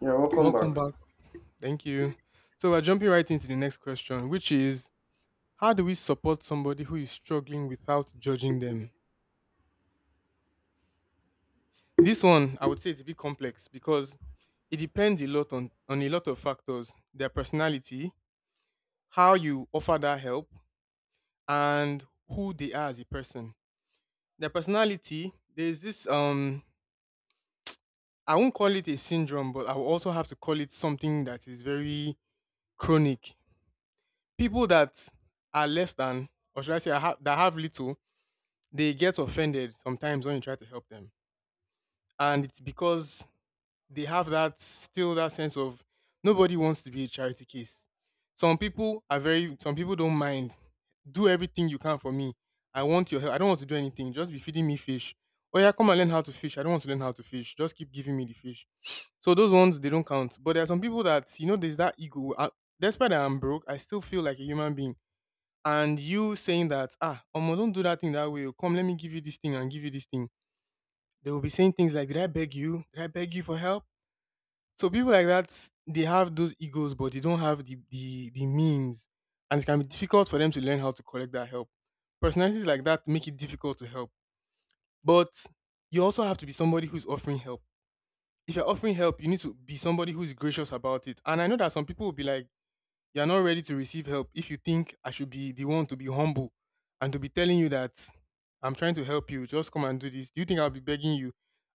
Yeah, welcome back. Welcome back. Thank you. So we're jumping right into the next question, which is how do we support somebody who is struggling without judging them? This one I would say it's a bit complex because it depends a lot on a lot of factors. Their personality, how you offer that help, and who they are as a person. Their personality, there's this I won't call it a syndrome, but I will also have to call it something that is very chronic. People that are less than, or should I say, that have little they get offended sometimes when you try to help them. And it's because they have that still that sense of nobody wants to be a charity case. Some people are very some people don't mind. Do everything you can for me. I want your help. I don't want to do anything. Just be feeding me fish. Oh yeah, come and learn how to fish. I don't want to learn how to fish. Just keep giving me the fish. So those ones they don't count. But there are some people that you know there's that ego. Despite that I'm broke, I still feel like a human being and you saying that ah Omo, don't do that thing that way oh. Come let me give you this thing and give you this thing they will be saying things like, did I beg you? Did I beg you for help? So people like that, they have those egos, but they don't have the means. And it can be difficult for them to learn how to collect that help. Personalities like that make it difficult to help. But you also have to be somebody who's offering help. If you're offering help, you need to be somebody who's gracious about it. And I know that some people will be like, you're not ready to receive help if you think I should be the one to be humble and to be telling you that I'm trying to help you, just come and do this. Do you think I'll be begging you?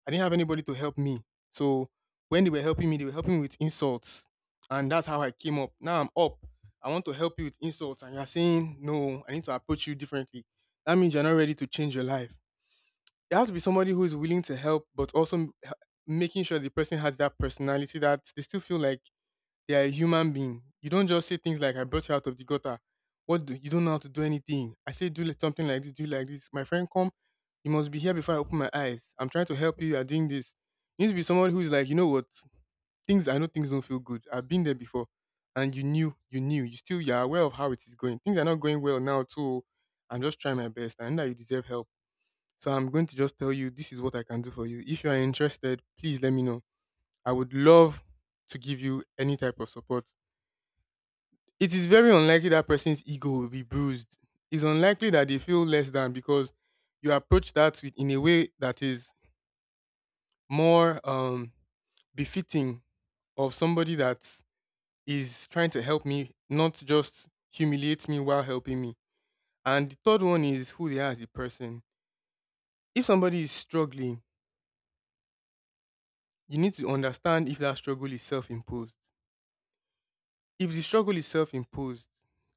I didn't have anybody to help me. So when they were helping me, they were helping me with insults. And that's how I came up. Now I'm up. I want to help you with insults. And you're saying, no, I need to approach you differently. That means you're not ready to change your life. You have to be somebody who is willing to help, but also making sure the person has that personality that they still feel like they are a human being. You don't just say things like "I brought you out of the gutter." What do you don't know how to do anything? I say something like this, do like this. My friend, come. You must be here before I open my eyes. I'm trying to help you. You are doing this. You need to be someone who is like, you know what? Things I know things don't feel good. I've been there before, and you knew, you knew. You still you are aware of how it is going. Things are not going well now too. I'm just trying my best. I know that you deserve help. So I'm going to just tell you this is what I can do for you. If you are interested, please let me know. I would love to give you any type of support. It is very unlikely that person's ego will be bruised. It's unlikely that they feel less than because you approach that with, in a way that is more befitting of somebody that is trying to help me, not just humiliate me while helping me. And the third one is who they are as a person. If somebody is struggling, you need to understand if that struggle is self imposed. If the struggle is self imposed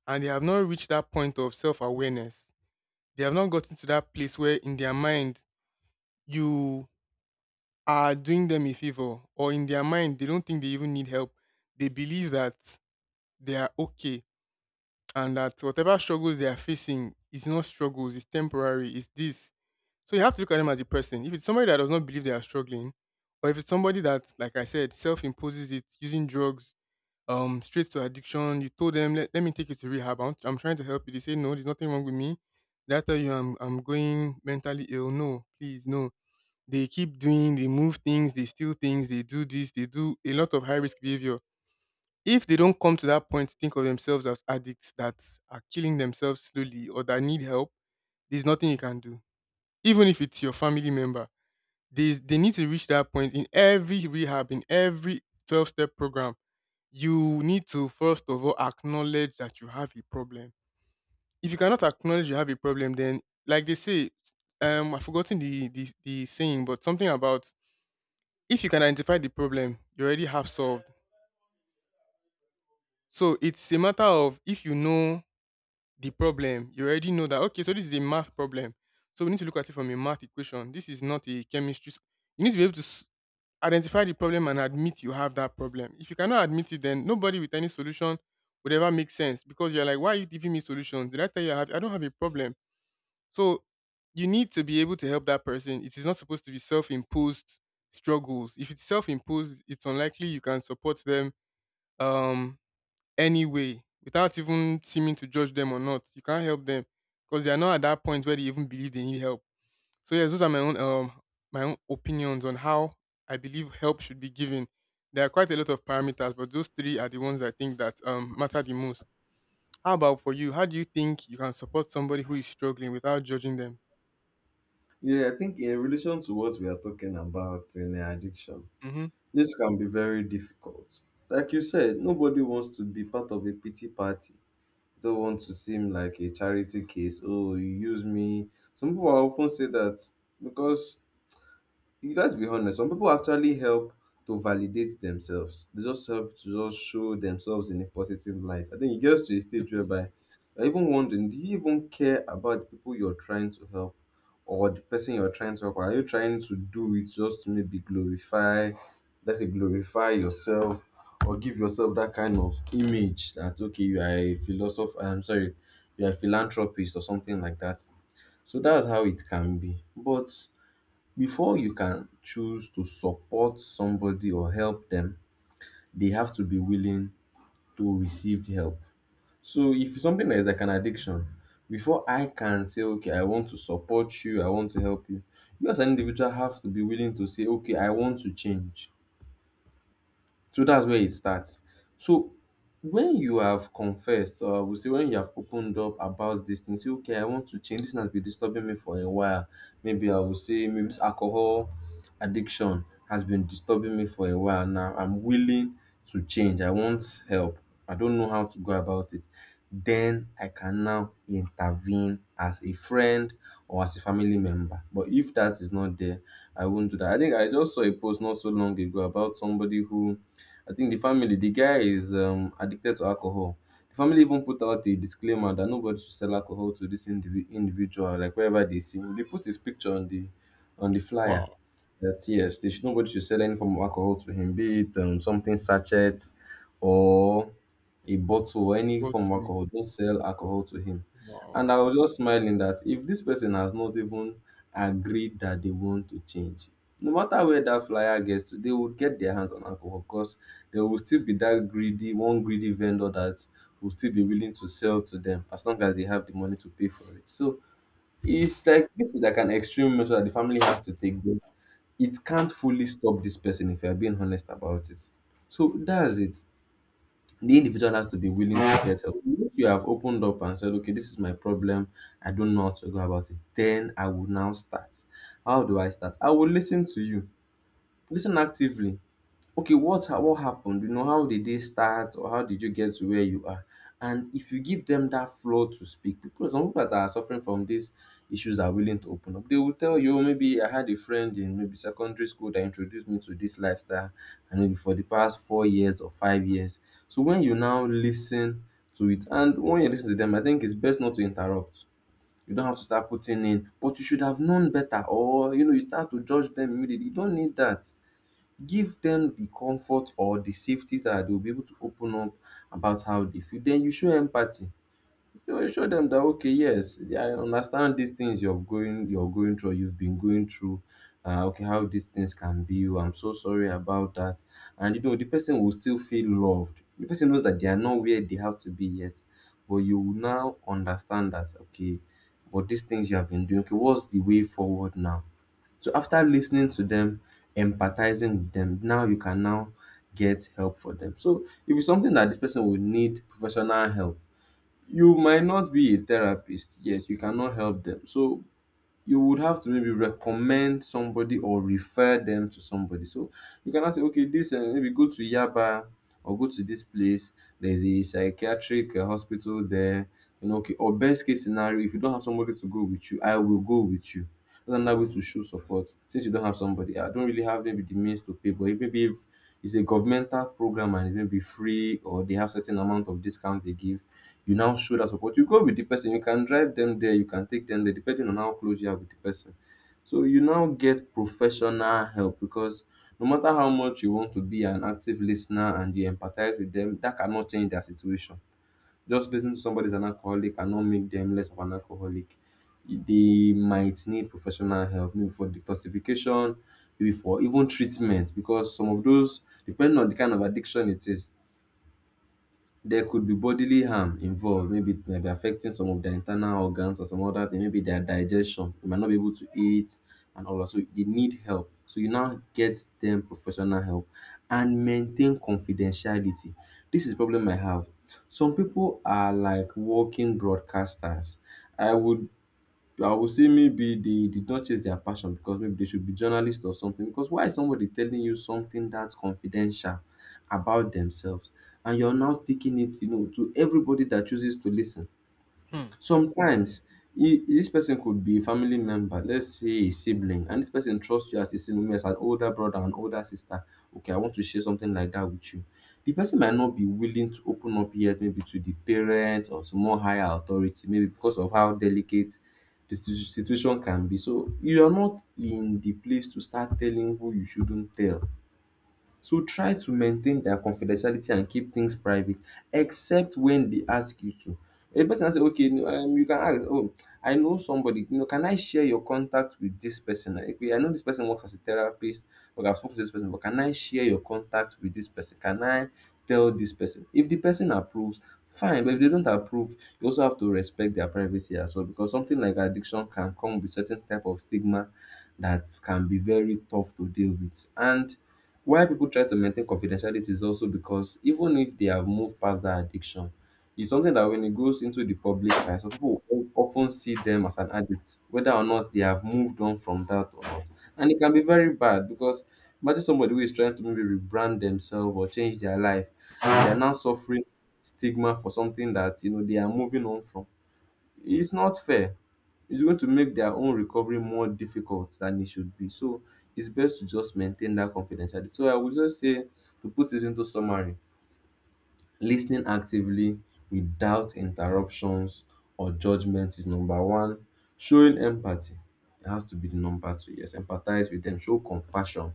and they have not reached that point of self awareness, they have not gotten to that place where in their mind you are doing them a favor or in their mind they don't think they even need help they believe that they are okay and that whatever struggles they are facing is not struggles it's temporary it's this. So you have to look at them as a person. If it's somebody that does not believe they are struggling or if it's somebody that like I said self-imposes it using drugs, straight to addiction you told them let me take you to rehab. I'm trying to help you they say no there's nothing wrong with me. Did I tell you I'm going mentally ill? No please no. They keep doing, they move things, they steal things, they do this, they do a lot of high risk behavior. If they don't come to that point to think of themselves as addicts that are killing themselves slowly or that need help, there's nothing you can do. Even if it's your family member, they need to reach that point in every rehab, in every 12 step program. You need to first of all acknowledge that you have a problem. If you cannot acknowledge you have a problem, then like they say, I've forgotten the saying, but something about if you can identify the problem, you already have solved. So it's a matter of if you know the problem, you already know that okay, so this is a math problem. So we need to look at it from a math equation. This is not a chemistry. You need to be able to identify the problem and admit you have that problem. If you cannot admit it, then nobody with any solution would ever make sense because you're like, why are you giving me solutions? Did I tell you I have? I don't have a problem. So you need to be able to help that person. It is not supposed to be self-imposed struggles. If it's self-imposed, it's unlikely you can support them um anyway without even seeming to judge them or not. You can't help them because they are not at that point where they even believe they need help. So yes, those are my own opinions on how I believe help should be given. There are quite a lot of parameters, but those three are the ones I think that matter the most. How about for you? How do you think you can support somebody who is struggling without judging them? Yeah, I think in relation to what we are talking about in addiction, Mm-hmm. this can be very difficult. Like you said, nobody wants to be part of a pity party. Don't want to seem like a charity case. Oh, you use me. Some people often say that because you, let's be honest, some people actually help to validate themselves. They just help to just show themselves in a positive light. I think it gets to a stage Definitely. whereby you're even wondering, do you even care about the people you're trying to help or the person you're trying to help? Or are you trying to do it just to maybe glorify, let's say glorify yourself, or give yourself that kind of image that okay, you are a philosopher, I'm sorry, you're a philanthropist or something like that. So that's how it can be. But before you can choose to support somebody or help them, they have to be willing to receive help. So if something is like an addiction, before I can say, okay, I want to support you, I want to help you, you as an individual have to be willing to say, okay, I want to change. So that's where it starts. So when you have confessed, or we say when you have opened up about these things, say, okay, I want to change. This thing has been disturbing me for a while. Maybe I will say, maybe this alcohol addiction has been disturbing me for a while now. I'm willing to change. I want help. I don't know how to go about it. Then I can now intervene as a friend or as a family member. But if that is not there, I won't do that. I think I just saw a post not so long ago about somebody who, I think the family, the guy is addicted to alcohol. The family even put out a disclaimer that nobody should sell alcohol to this individual, like wherever they see him. They put his picture on the Wow. flyer that yes, they should, nobody should sell any form of alcohol to him, be it something sachet or a bottle or any But form of alcohol. Don't sell alcohol to him. wow. And I was just smiling that if this person has not even agreed that they want to change, no matter where that flyer gets to, they would get their hands on alcohol because there will still be that greedy, one greedy vendor that will still be willing to sell to them as long as they have the money to pay for it. So it's like, this is like an extreme measure that the family has to take. But it can't fully stop this person if you're being honest about it. So that's it, the individual has to be willing to get help. If you have opened up and said, okay, this is my problem, I don't know how to go about it, then I will now start. How do I start? I will listen to you, listen actively. Okay, what happened, you know? How did they start or how did you get to where you are? And if you give them that floor to speak, people, some people that are suffering from these issues are willing to open up. They will tell you, "Oh, maybe I had a friend in maybe secondary school that introduced me to this lifestyle and maybe for the past 4 years or 5 years." So when you now listen to it and when you listen to them, I think it's best not to interrupt. You don't have to start putting in but you should have known better, or you know, you start to judge them immediately. You don't need that. Give them the comfort or the safety that they'll be able to open up about how they feel. Then you show empathy. You know, you show them that okay, yes, yeah, I understand these things you're going through, you've been going through. Okay, how these things can be. Oh, I'm so sorry about that. And you know, the person will still feel loved. The person knows that they are not where they have to be yet, but you will now understand that okay, but these things you have been doing, okay, what's the way forward now? So after listening to them, empathizing with them, now you can now get help for them. So if it's something that this person will need professional help, you might not be a therapist. Yes, you cannot help them. So you would have to maybe recommend somebody or refer them to somebody. So you cannot say, okay, this maybe go to Yaba or go to this place. There's a psychiatric hospital there. You know, okay, or best case scenario, if you don't have somebody to go with you, I will go with you. That's another way to show support. Since you don't have somebody, I don't really have maybe the means to pay, but maybe if it's a governmental program and it may be free or they have certain amount of discount they give, you now show that support. You go with the person, you can drive them there, you can take them there depending on how close you are with the person. So you now get professional help because no matter how much you want to be an active listener and you empathize with them, that cannot change their situation. Just listening to somebody is an alcoholic cannot make them less of an alcoholic. They might need professional help, maybe for detoxification, maybe for even treatment, because some of those, depending on the kind of addiction it is, there could be bodily harm involved. Maybe it might be affecting some of their internal organs or some other thing, maybe their digestion. They might not be able to eat and all that. So they need help. So you now get them professional help and maintain confidentiality. This is problem I have. Some people are like walking broadcasters. I would I would say maybe they did not chase their passion because maybe they should be journalists or something. Because why is somebody telling you something that's confidential about themselves and you're now taking it, you know, to everybody that chooses to listen? Hmm. Sometimes this person could be a family member, let's say a sibling, and this person trusts you as a sibling, maybe as an older brother, an older sister. Okay, I want to share something like that with you. The person might not be willing to open up yet, maybe to the parents or to more higher authority, maybe because of how delicate the situation can be. So you are not in the place to start telling who you shouldn't tell. So try to maintain their confidentiality and keep things private except when they ask you to. A person now say, okay, no, you can ask, oh, I know somebody, you know, can I share your contact with this person? Like, okay, I know this person works as a therapist, but I've spoken to this person, but can I share your contact with this person? Can I tell this person? If the person approves, fine, but if they don't approve, you also have to respect their privacy as well, because something like addiction can come with certain type of stigma that can be very tough to deal with. And why people try to maintain confidentiality is also because even if they have moved past that addiction, it's something that when it goes into the public eye, some people will often see them as an addict, whether or not they have moved on from that or not. And it can be very bad because imagine somebody who is trying to maybe rebrand themselves or change their life and they're now suffering stigma for something that you know they are moving on from. It's not fair. It's going to make their own recovery more difficult than it should be. So it's best to just maintain that confidentiality. So I would just say, to put it into summary, listening actively without interruptions or judgment is number one. Showing empathy, it has to be the number two. Yes, empathize with them, show compassion.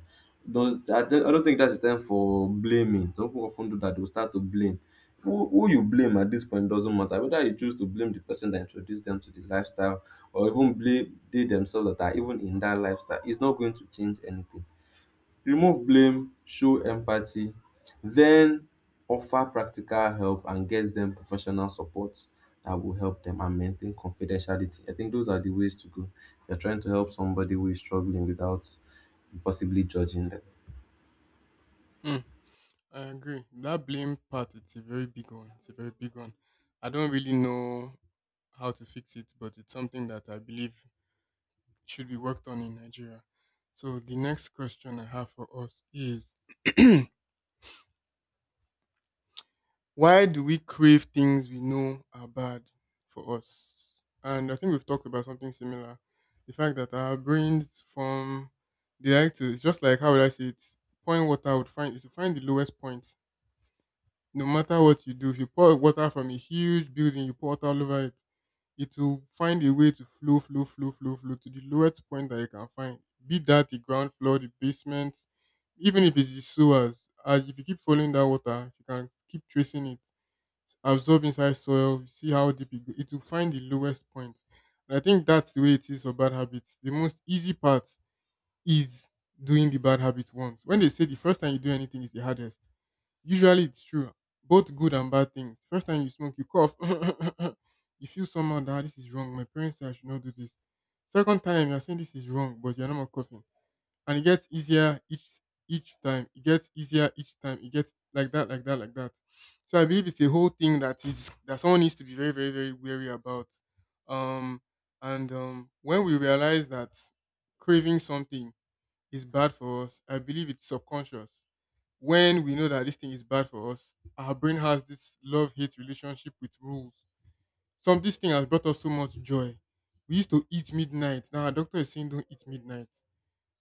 Don't, I, don't, I don't think that's the time for blaming. Some people often do that, they'll start to blame. Who you blame at this point doesn't matter. Whether you choose to blame the person that introduced them to the lifestyle or even blame they themselves that are even in that lifestyle, it's not going to change anything. Remove blame, show empathy, then offer practical help and get them professional support that will help them, and maintain confidentiality. I think those are the ways to go. You're trying to help somebody who is struggling without possibly judging them. Hmm. I agree. That blame part, it's a very big one. It's a very big one. I don't really know how to fix it, but it's something that I believe should be worked on in Nigeria. So the next question I have for us is why do we crave things we know are bad for us? And I think we've talked about something similar. The fact that our brains form they like to it's just like how would I say it? Point water would find is to find the lowest point no matter what you do, if you pour water from a huge building, you pour water all over it, it will find a way to flow, flow, flow, flow, flow to the lowest point that you can find. Be that the ground floor, the basement, even if it's the sewers. As if you keep following that water, if you can keep tracing it, absorb inside soil, you see how deep it goes. It will find the lowest point. And I think that's the way it is for bad habits. The most easy part is doing the bad habit once. When they say the first time you do anything is the hardest. Usually it's true. Both good and bad things. First time you smoke, you cough. You feel somehow that "Ah, this is wrong. My parents say I should not do this." Second time you're saying this is wrong, but you're not more coughing. And it gets easier each time. It gets easier each time. It gets like that, like that, like that. So I believe it's a whole thing that is that someone needs to be very, very, very wary about. Um and When we realize that craving something is bad for us, I believe it's subconscious. When we know that this thing is bad for us, our brain has this love hate relationship with rules. Some this thing has brought us so much joy. We used to eat midnight. Now our doctor is saying don't eat midnight.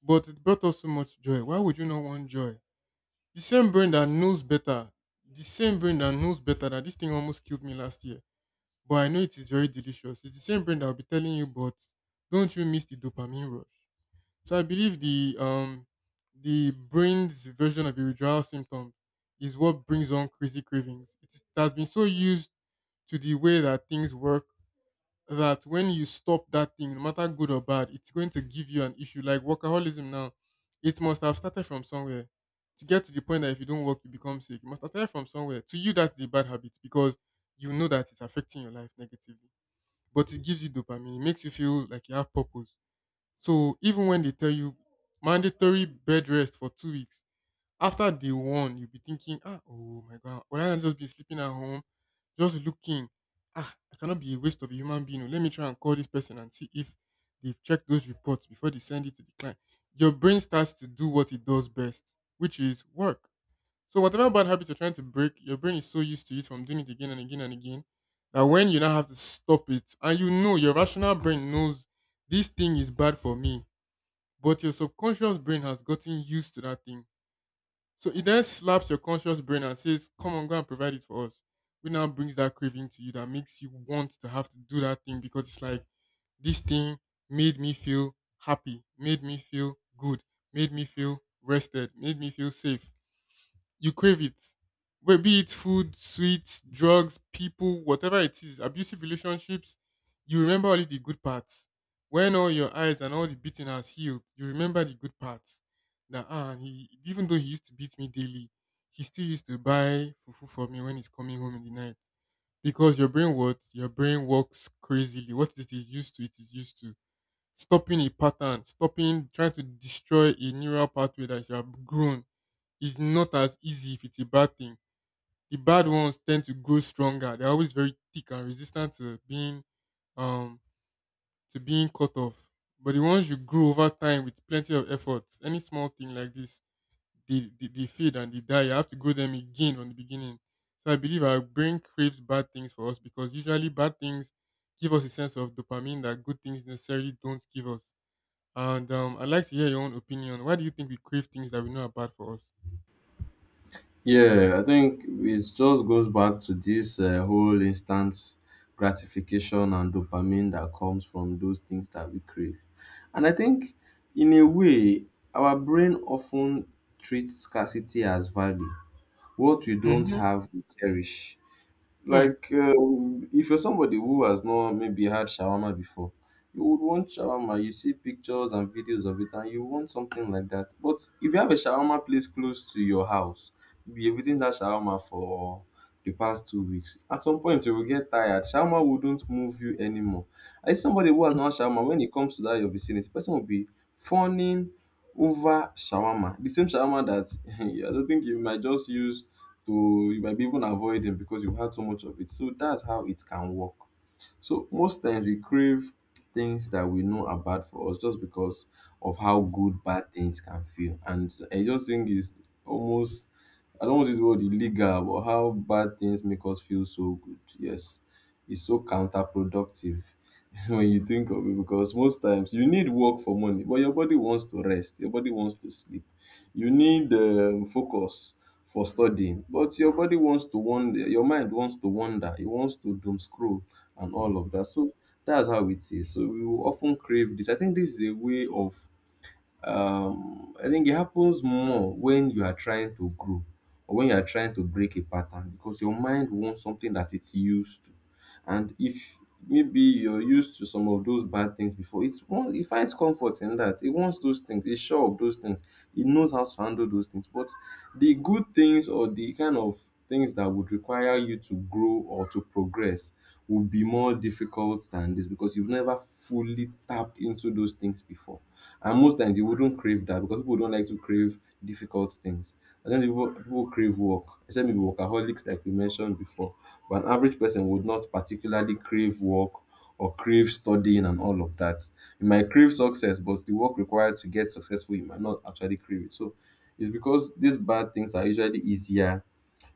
But it brought us so much joy. Why would you not want joy? The same brain that knows better, the same brain that knows better that this thing almost killed me last year. But I know it is very delicious. It's the same brain that will be telling you, but don't you miss the dopamine rush? So I believe the the brain's version of a withdrawal symptom is what brings on crazy cravings. It has been so used to the way that things work that when you stop that thing, no matter good or bad, it's going to give you an issue like workaholism now. It must have started from somewhere. To get to the point that if you don't work, you become sick. It must have started from somewhere. To you, that's a bad habit because you know that it's affecting your life negatively. But it gives you dopamine. It makes you feel like you have purpose, so even when they tell you mandatory bed rest for 2 weeks, after day one, you'll be thinking, ah, oh my god, would I just be sleeping at home, just looking? Ah, I cannot be a waste of a human being. Oh, let me try and call this person and see if they've checked those reports before they send it to the client. Your brain starts to do what it does best, which is work. So whatever bad habits you're trying to break, your brain is so used to it from doing it again and again and again that when you now have to stop it, and you know your rational brain knows this thing is bad for me, but your subconscious brain has gotten used to that thing. So it then slaps your conscious brain and says, come on, go and provide it for us. Which now brings that craving to you that makes you want to have to do that thing, because it's like this thing made me feel happy, made me feel good, made me feel rested, made me feel safe. You crave it. Be it food, sweets, drugs, people, whatever it is, abusive relationships, you remember only the good parts. When all your eyes and all the beating has healed, you remember the good parts. That ah, he even though he used to beat me daily, he still used to buy fufu for me when he's coming home in the night. Because your brain what? Your brain works crazily. What it is used to, it is used to. Stopping a pattern, stopping, trying to destroy a neural pathway that you have grown is not as easy if it's a bad thing. The bad ones tend to grow stronger. They're always very thick and resistant um to being cut off. But the ones you grow over time with plenty of effort, any small thing like this, they fade and they die. You have to grow them again from the beginning. So I believe our brain craves bad things for us because usually bad things give us a sense of dopamine that good things necessarily don't give us. And I'd like to hear your own opinion. Why do you think we crave things that we know are bad for us? Yeah, I think it just goes back to this whole instant gratification and dopamine that comes from those things that we crave. And I think, in a way, our brain often treats scarcity as value. What we don't Mm-hmm. have, we cherish. Hmm. Like, if you're somebody who has not maybe had shawarma before, you would want shawarma. You see pictures and videos of it, and you want something like that. But if you have a shawarma place close to your house, you'll be eating that shawarma for the past 2 weeks. At some point, you will get tired. Shawarma wouldn't move you anymore. And somebody who has not had shawarma, when it comes to that your vicinity, person will be fawning over shawarma. The same shawarma that I don't think you might just use to, you might be even avoid it because you've had so much of it. So that's how it can work. So most times we crave things that we know are bad for us just because of how good bad things can feel. And I just think it's almost, I don't want to use the word illegal, but how bad things make us feel so good. Yes. It's so counterproductive when you think of it, because most times you need work for money, but your body wants to rest, your body wants to sleep, you need focus for studying, but your body wants to wander, your mind wants to wander, it wants to doom scroll and all of that. So that's how it is. So we will often crave this. I think this is a way of I think it happens more when you are trying to grow or when you are trying to break a pattern, because your mind wants something that it's used to. And if maybe you're used to some of those bad things before, it's one, it finds comfort in that. It wants those things, it's sure of those things, it knows how to handle those things. But the good things, or the kind of things that would require you to grow or to progress, would be more difficult than this because you've never fully tapped into those things before. And most times you wouldn't crave that because people don't like to crave difficult things. And then people, people crave work, except maybe workaholics, like we mentioned before. But an average person would not particularly crave work or crave studying and all of that. You might crave success, but the work required to get successful, you might not actually crave it. So it's because these bad things are usually easier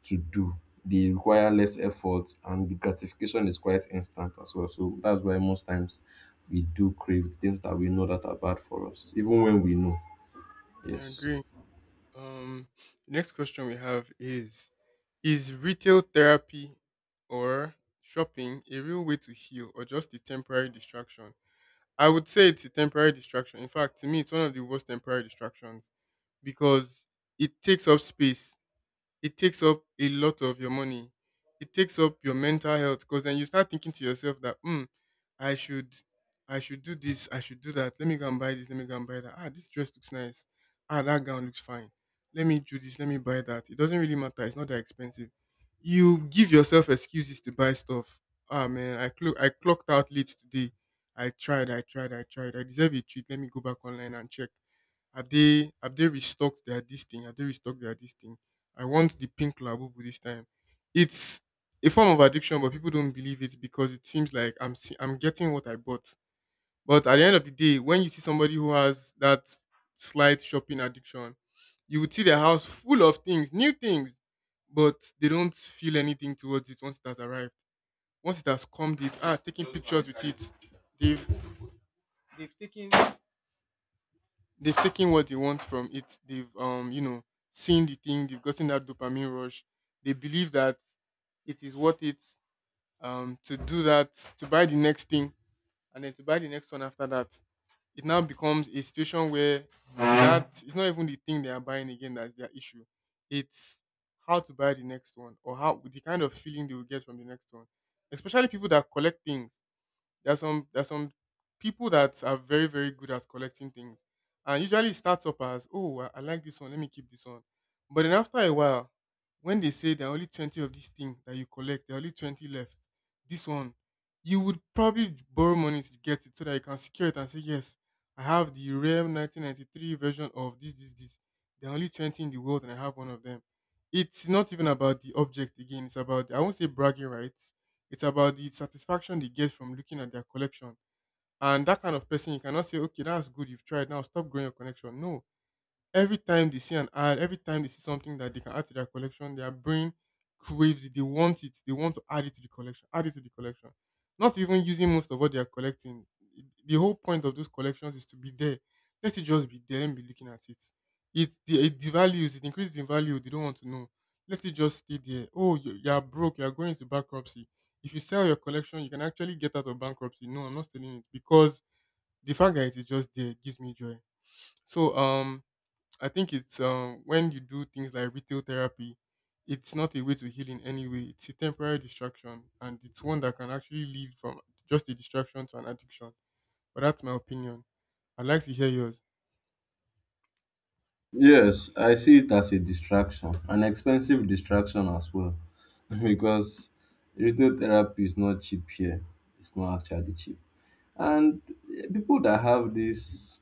to do. They require less effort and the gratification is quite instant as well. So that's why most times we do crave the things that we know that are bad for us, even when we know. I Yes. agree. Um, next question we have is retail therapy or shopping a real way to heal, or just a temporary distraction? I would say it's a temporary distraction. In fact, to me, it's one of the worst temporary distractions because it takes up space, it takes up a lot of your money. It takes up your mental health because then you start thinking to yourself that, hmm, I should, I should do this, I should do that. Let me go and buy this. Let me go and buy that. Ah, this dress looks nice. Ah, that gown looks fine. Let me do this. Let me buy that. It doesn't really matter. It's not that expensive. You give yourself excuses to buy stuff. Ah, man, I clocked out late today. I tried. I tried. I tried. I deserve a treat. Let me go back online and check. Have they restocked their this thing? Have they restocked their this thing? I want the pink labubu this time. It's a form of addiction, but people don't believe it because it seems like I'm getting what I bought. But at the end of the day, when you see somebody who has that slight shopping addiction, you would see their house full of things, new things, but they don't feel anything towards it once it has arrived. Once it has come, they've ah taking pictures with it. They've they've taken what they want from it. They've you know, seen the thing, they've gotten that dopamine rush. They believe that it is worth it to do that, to buy the next thing and then to buy the next one after that. It now becomes a situation where that it's not even the thing they are buying again that's their issue. It's how to buy the next one or how the kind of feeling they will get from the next one. Especially people that collect things, there are some people that are very, very good at collecting things, and usually it starts up as, oh, I like this one, let me keep this one, but then after a while, when they say there are only 20 of this thing that you collect, there are only 20 left. This one, you would probably borrow money to get it so that you can secure it and say, yes, I have the rare 1993 version of this. There are only 20 in the world, and I have one of them. It's not even about the object again. It's about, I won't say bragging rights, it's about the satisfaction they get from looking at their collection. And that kind of person, you cannot say, okay, that's good, you've tried, now stop growing your connection. No, every time they see an ad, every time they see something that they can add to their collection, their brain craves it. They want it. They want to add it to the collection. Add it to the collection. Not even using most of what they are collecting. The whole point of those collections is to be there. Let it just be there and be looking at it. It the it devalues. It increases in value. They don't want to know. Let it just stay there. Oh, you are broke. You are going into bankruptcy. If you sell your collection, you can actually get out of bankruptcy. No, I'm not selling it because the fact that it is just there gives me joy. So I think it's when you do things like retail therapy, it's not a way to heal in any way. It's a temporary distraction, and it's one that can actually lead from just a distraction to an addiction. But that's my opinion. I'd like to hear yours. Yes, I see it as a distraction, an expensive distraction as well, because retail therapy is not cheap here. It's not actually cheap. And people that have this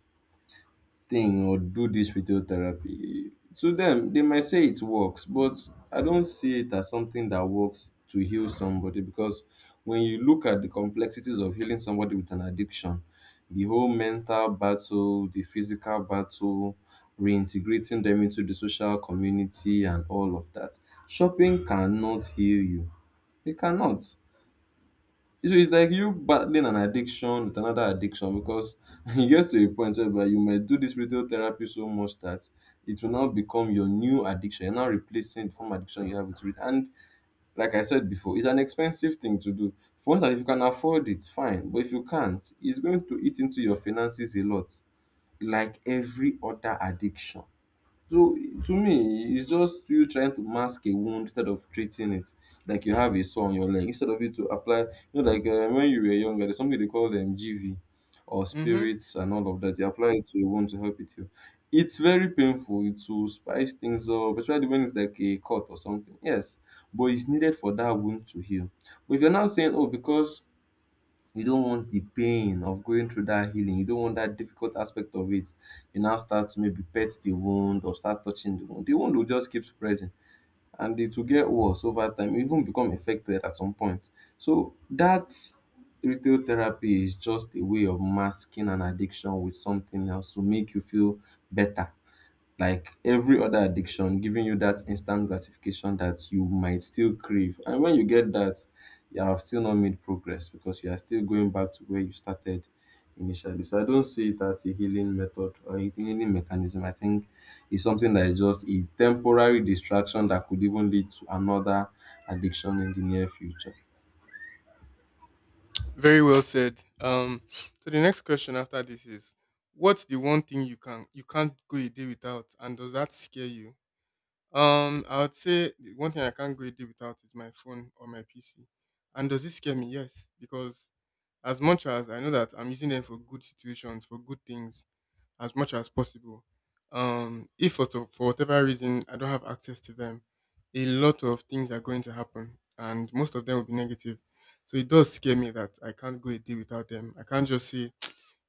thing or do this retail therapy, to them, they might say it works, but I don't see it as something that works to heal somebody, because when you look at the complexities of healing somebody with an addiction, the whole mental battle, the physical battle, reintegrating them into the social community, and all of that, shopping cannot heal you. It cannot. So it's like you battling an addiction with another addiction, because it gets to a point whereby you might do this radiotherapy so much that it will now become your new addiction. You're now replacing the former addiction you have with it. And like I said before, it's an expensive thing to do. For instance, if you can afford it, fine. But if you can't, it's going to eat into your finances a lot, like every other addiction. So to me, it's just you trying to mask a wound instead of treating it. Like you have a sore on your leg, instead of you to apply, you know, like when you were younger, there's something they call them GV or Mm-hmm. spirits and all of that. You apply it to a wound to help it heal. It's very painful. It will spice things up, especially when it's like a cut or something. Yes, but it's needed for that wound to heal. But if you're now saying, oh, because you don't want the pain of going through that healing. You don't want that difficult aspect of it. You now start to maybe pet the wound or start touching the wound. The wound will just keep spreading and it will get worse over time, even become infected at some point. So that retail therapy is just a way of masking an addiction with something else to make you feel better, like every other addiction, giving you that instant gratification that you might still crave. And when you get that, you have still not made progress because you are still going back to where you started initially. So I don't see it as a healing method or a healing mechanism. I think it's something that is just a temporary distraction that could even lead to another addiction in the near future. Very well said. So the next question after this is, what's the one thing you can't go a day without, and does that scare you? I would say the one thing I can't go a day without is my phone or my PC. And does it scare me? Yes, because as much as I know that I'm using them for good situations, for good things, as much as possible. If for, to- for whatever reason I don't have access to them, a lot of things are going to happen, and most of them will be negative. So it does scare me that I can't go a day without them. I can't just say,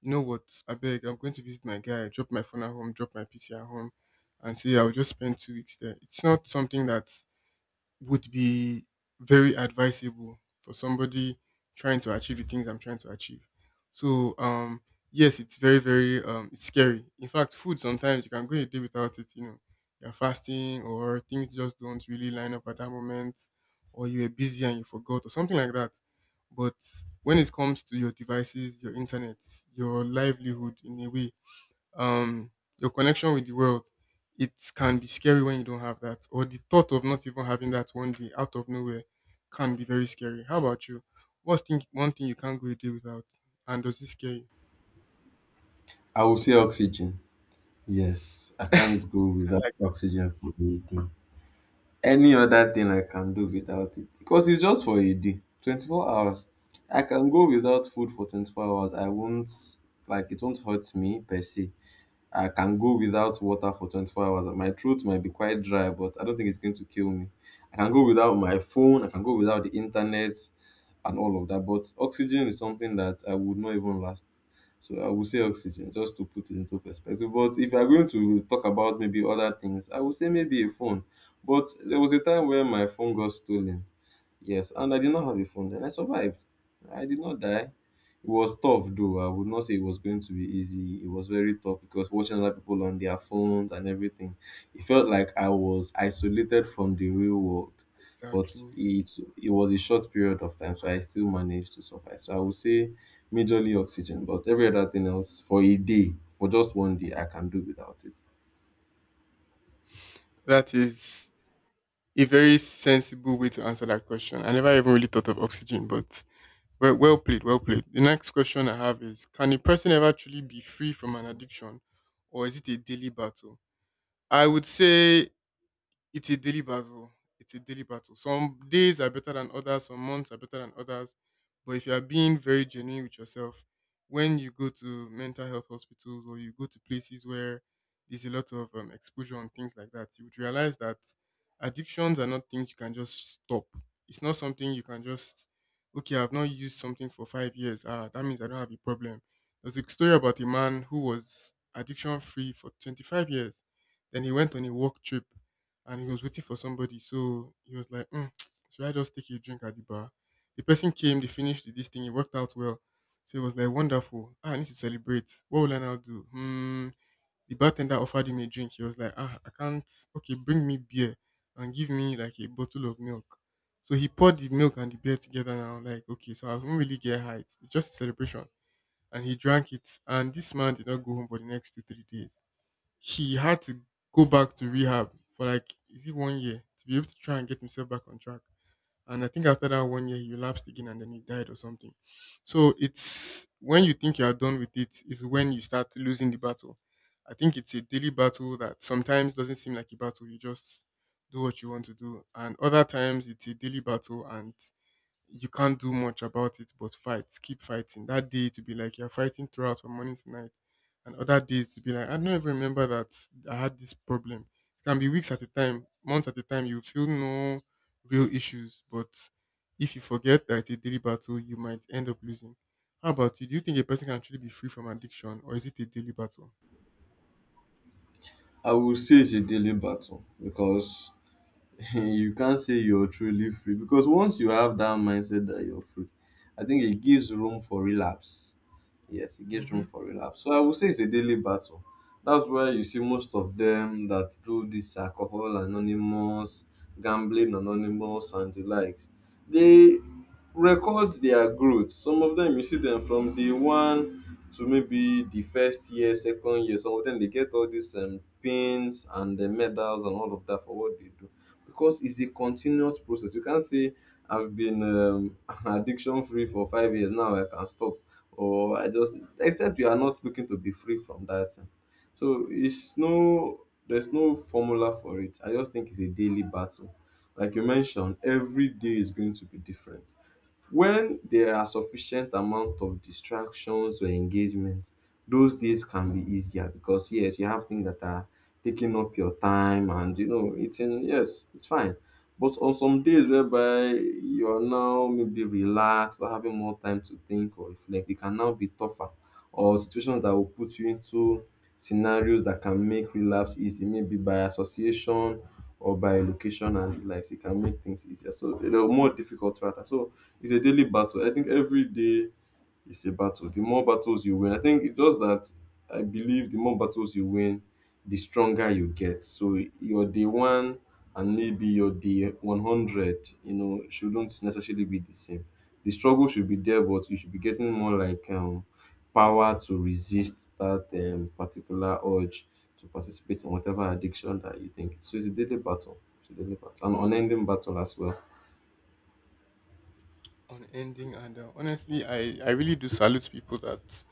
you know what? I beg, I'm going to visit my guy, drop my phone at home, drop my PC at home, and say I'll just spend 2 weeks there. It's not something that would be very advisable for somebody trying to achieve the things I'm trying to achieve. So, yes, it's very, very, it's scary. In fact, food, sometimes you can go a day without it. You know, you're fasting or things just don't really line up at that moment, or you were busy and you forgot or something like that. But when it comes to your devices, your internet, your livelihood, in a way, um, your connection with the world, it can be scary when you don't have that, or the thought of not even having that one day out of nowhere can be very scary. How about you? What's one thing you can't go a day without, and does it scare you? I will say oxygen. Yes, I can't go I without like oxygen for breathing. Any other thing I can do without it, because it's just for a day, 24 hours. I can go without food for 24 hours. I won't, like, it won't hurt me per se. I can go without water for 24 hours. My throat might be quite dry, but I don't think it's going to kill me. I can go without my phone, I can go without the internet and all of that. But oxygen is something that I would not even last. So I would say oxygen, just to put it into perspective. But if you're going to talk about maybe other things, I would say maybe a phone. But there was a time where my phone got stolen. Yes, and I did not have a phone then. I survived. I did not die. It was tough though. I would not say it was going to be easy. It was very tough because watching other people on their phones and everything, it felt like I was isolated from the real world. that, But exactly. It was a short period of time, so I still managed to survive. So I would say majorly oxygen, but every other thing else for a day, for just one day, I can do without it. That is a very sensible way to answer that question. I never even really thought of oxygen, but well, well played. The next question I have is, can a person ever truly be free from an addiction, or is it a daily battle? I would say it's a daily battle. It's a daily battle. Some days are better than others, some months are better than others. But if you are being very genuine with yourself, when you go to mental health hospitals or you go to places where there's a lot of exposure and things like that, you would realize that addictions are not things you can just stop. It's not something you can just, okay, I've not used something for 5 years. Ah, that means I don't have a problem. There's a story about a man who was addiction free for 25 years. Then he went on a work trip and he was waiting for somebody. So he was like, should I just take a drink at the bar? The person came, they finished this thing, it worked out well. So it was like, wonderful. Ah, I need to celebrate. What will I now do? Hmm. The bartender offered him a drink. He was like, ah, I can't. Okay, bring me beer and give me like a bottle of milk. So he poured the milk and the beer together and I'm like, okay, so I won't really get high. It's just a celebration. And he drank it. And this man did not go home for the next two, 3 days. He had to go back to rehab for like is it one year to be able to try and get himself back on track. And I think after that one year, he relapsed again and then he died or something. So it's when you think you are done with it is when you start losing the battle. I think it's a daily battle that sometimes doesn't seem like a battle. You just do what you want to do, and other times it's a daily battle and you can't do much about it but fight, keep fighting. That day to be like you're fighting throughout from morning to night, and other days to be like, I don't even remember that I had this problem. It can be weeks at a time, months at a time, you feel no real issues, but if you forget that it's a daily battle, you might end up losing. How about you? Do you think a person can truly be free from addiction or is it a daily battle? I would say it's a daily battle because you can't say you're truly free, because once you have that mindset that you're free, I think it gives room for relapse. Yes, it gives room Hmm. for relapse. So I would say it's a daily battle. That's why you see most of them that do this alcohol anonymous, gambling anonymous, and the likes. They record their growth. Some of them you see them from day one to maybe the first year, second year. Some of them they get all these pins and the medals and all of that for what they do, because it's a continuous process. You can't say I've been addiction free for 5 years now. I can stop, or I just, except you are not looking to be free from that thing. So it's no, there's no formula for it. I just think it's a daily battle. Like you mentioned, every day is going to be different. When there are sufficient amount of distractions or engagement, those days can be easier because yes, you have things that are taking up your time and you know it's in, yes, it's fine. But on some days whereby you are now maybe relaxed or having more time to think or reflect, it can now be tougher. Or situations that will put you into scenarios that can make relapse easy, maybe by association or by location and the likes, it can make things easier. So they're more difficult rather. So it's a daily battle. I think every day is a battle. The more battles you win, I think it does that, I believe the more battles you win, the stronger you get. So your day one and maybe your day 100, you know, shouldn't necessarily be the same. The struggle should be there, but you should be getting more like power to resist that particular urge to participate in whatever addiction that you think. So it's a daily battle. It's a daily battle, an unending battle as well. Unending, and honestly, I really do salute people that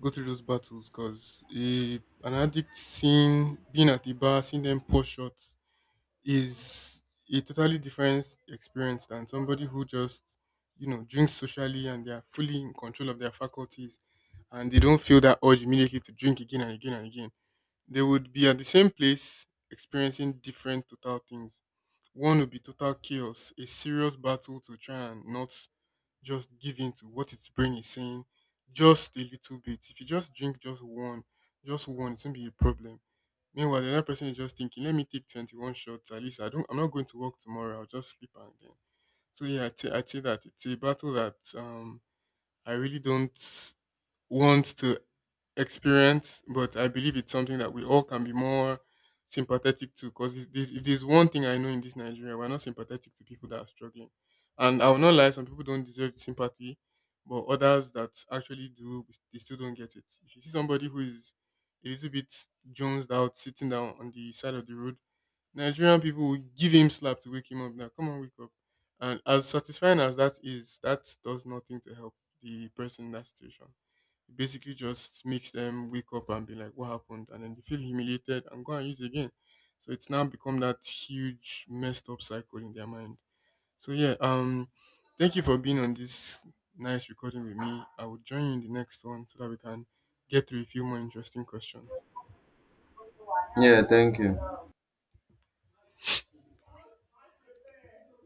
go through those battles, because an addict seeing being at the bar seeing them pour shots is a totally different experience than somebody who just drinks socially and they are fully in control of their faculties and they don't feel that urge immediately to drink again and again and again. They would be at the same place experiencing different total things. One would be total chaos, a serious battle to try and not just give in to what its brain is saying. Just a little bit. If you just drink just one, it won't be a problem. Meanwhile, the other person is just thinking, let me take 21 shots. At least I'm not going to work tomorrow. I'll just sleep and then. So yeah, I would say that it's a battle that I really don't want to experience, but I believe it's something that we all can be more sympathetic to. Because if there's one thing I know in this Nigeria, we're not sympathetic to people that are struggling. And I will not lie, some people don't deserve the sympathy, but others that actually do, they still don't get it. If you see somebody who is a little bit jonesed out, sitting down on the side of the road, Nigerian people will give him slap to wake him up. Now, come on, wake up. And as satisfying as that is, that does nothing to help the person in that situation. It basically just makes them wake up and be like, what happened? And then they feel humiliated and go and use again. So it's now become that huge messed up cycle in their mind. So yeah, thank you for being on this nice recording with me. I will join you in the next one so that we can get through a few more interesting questions. Yeah, thank you.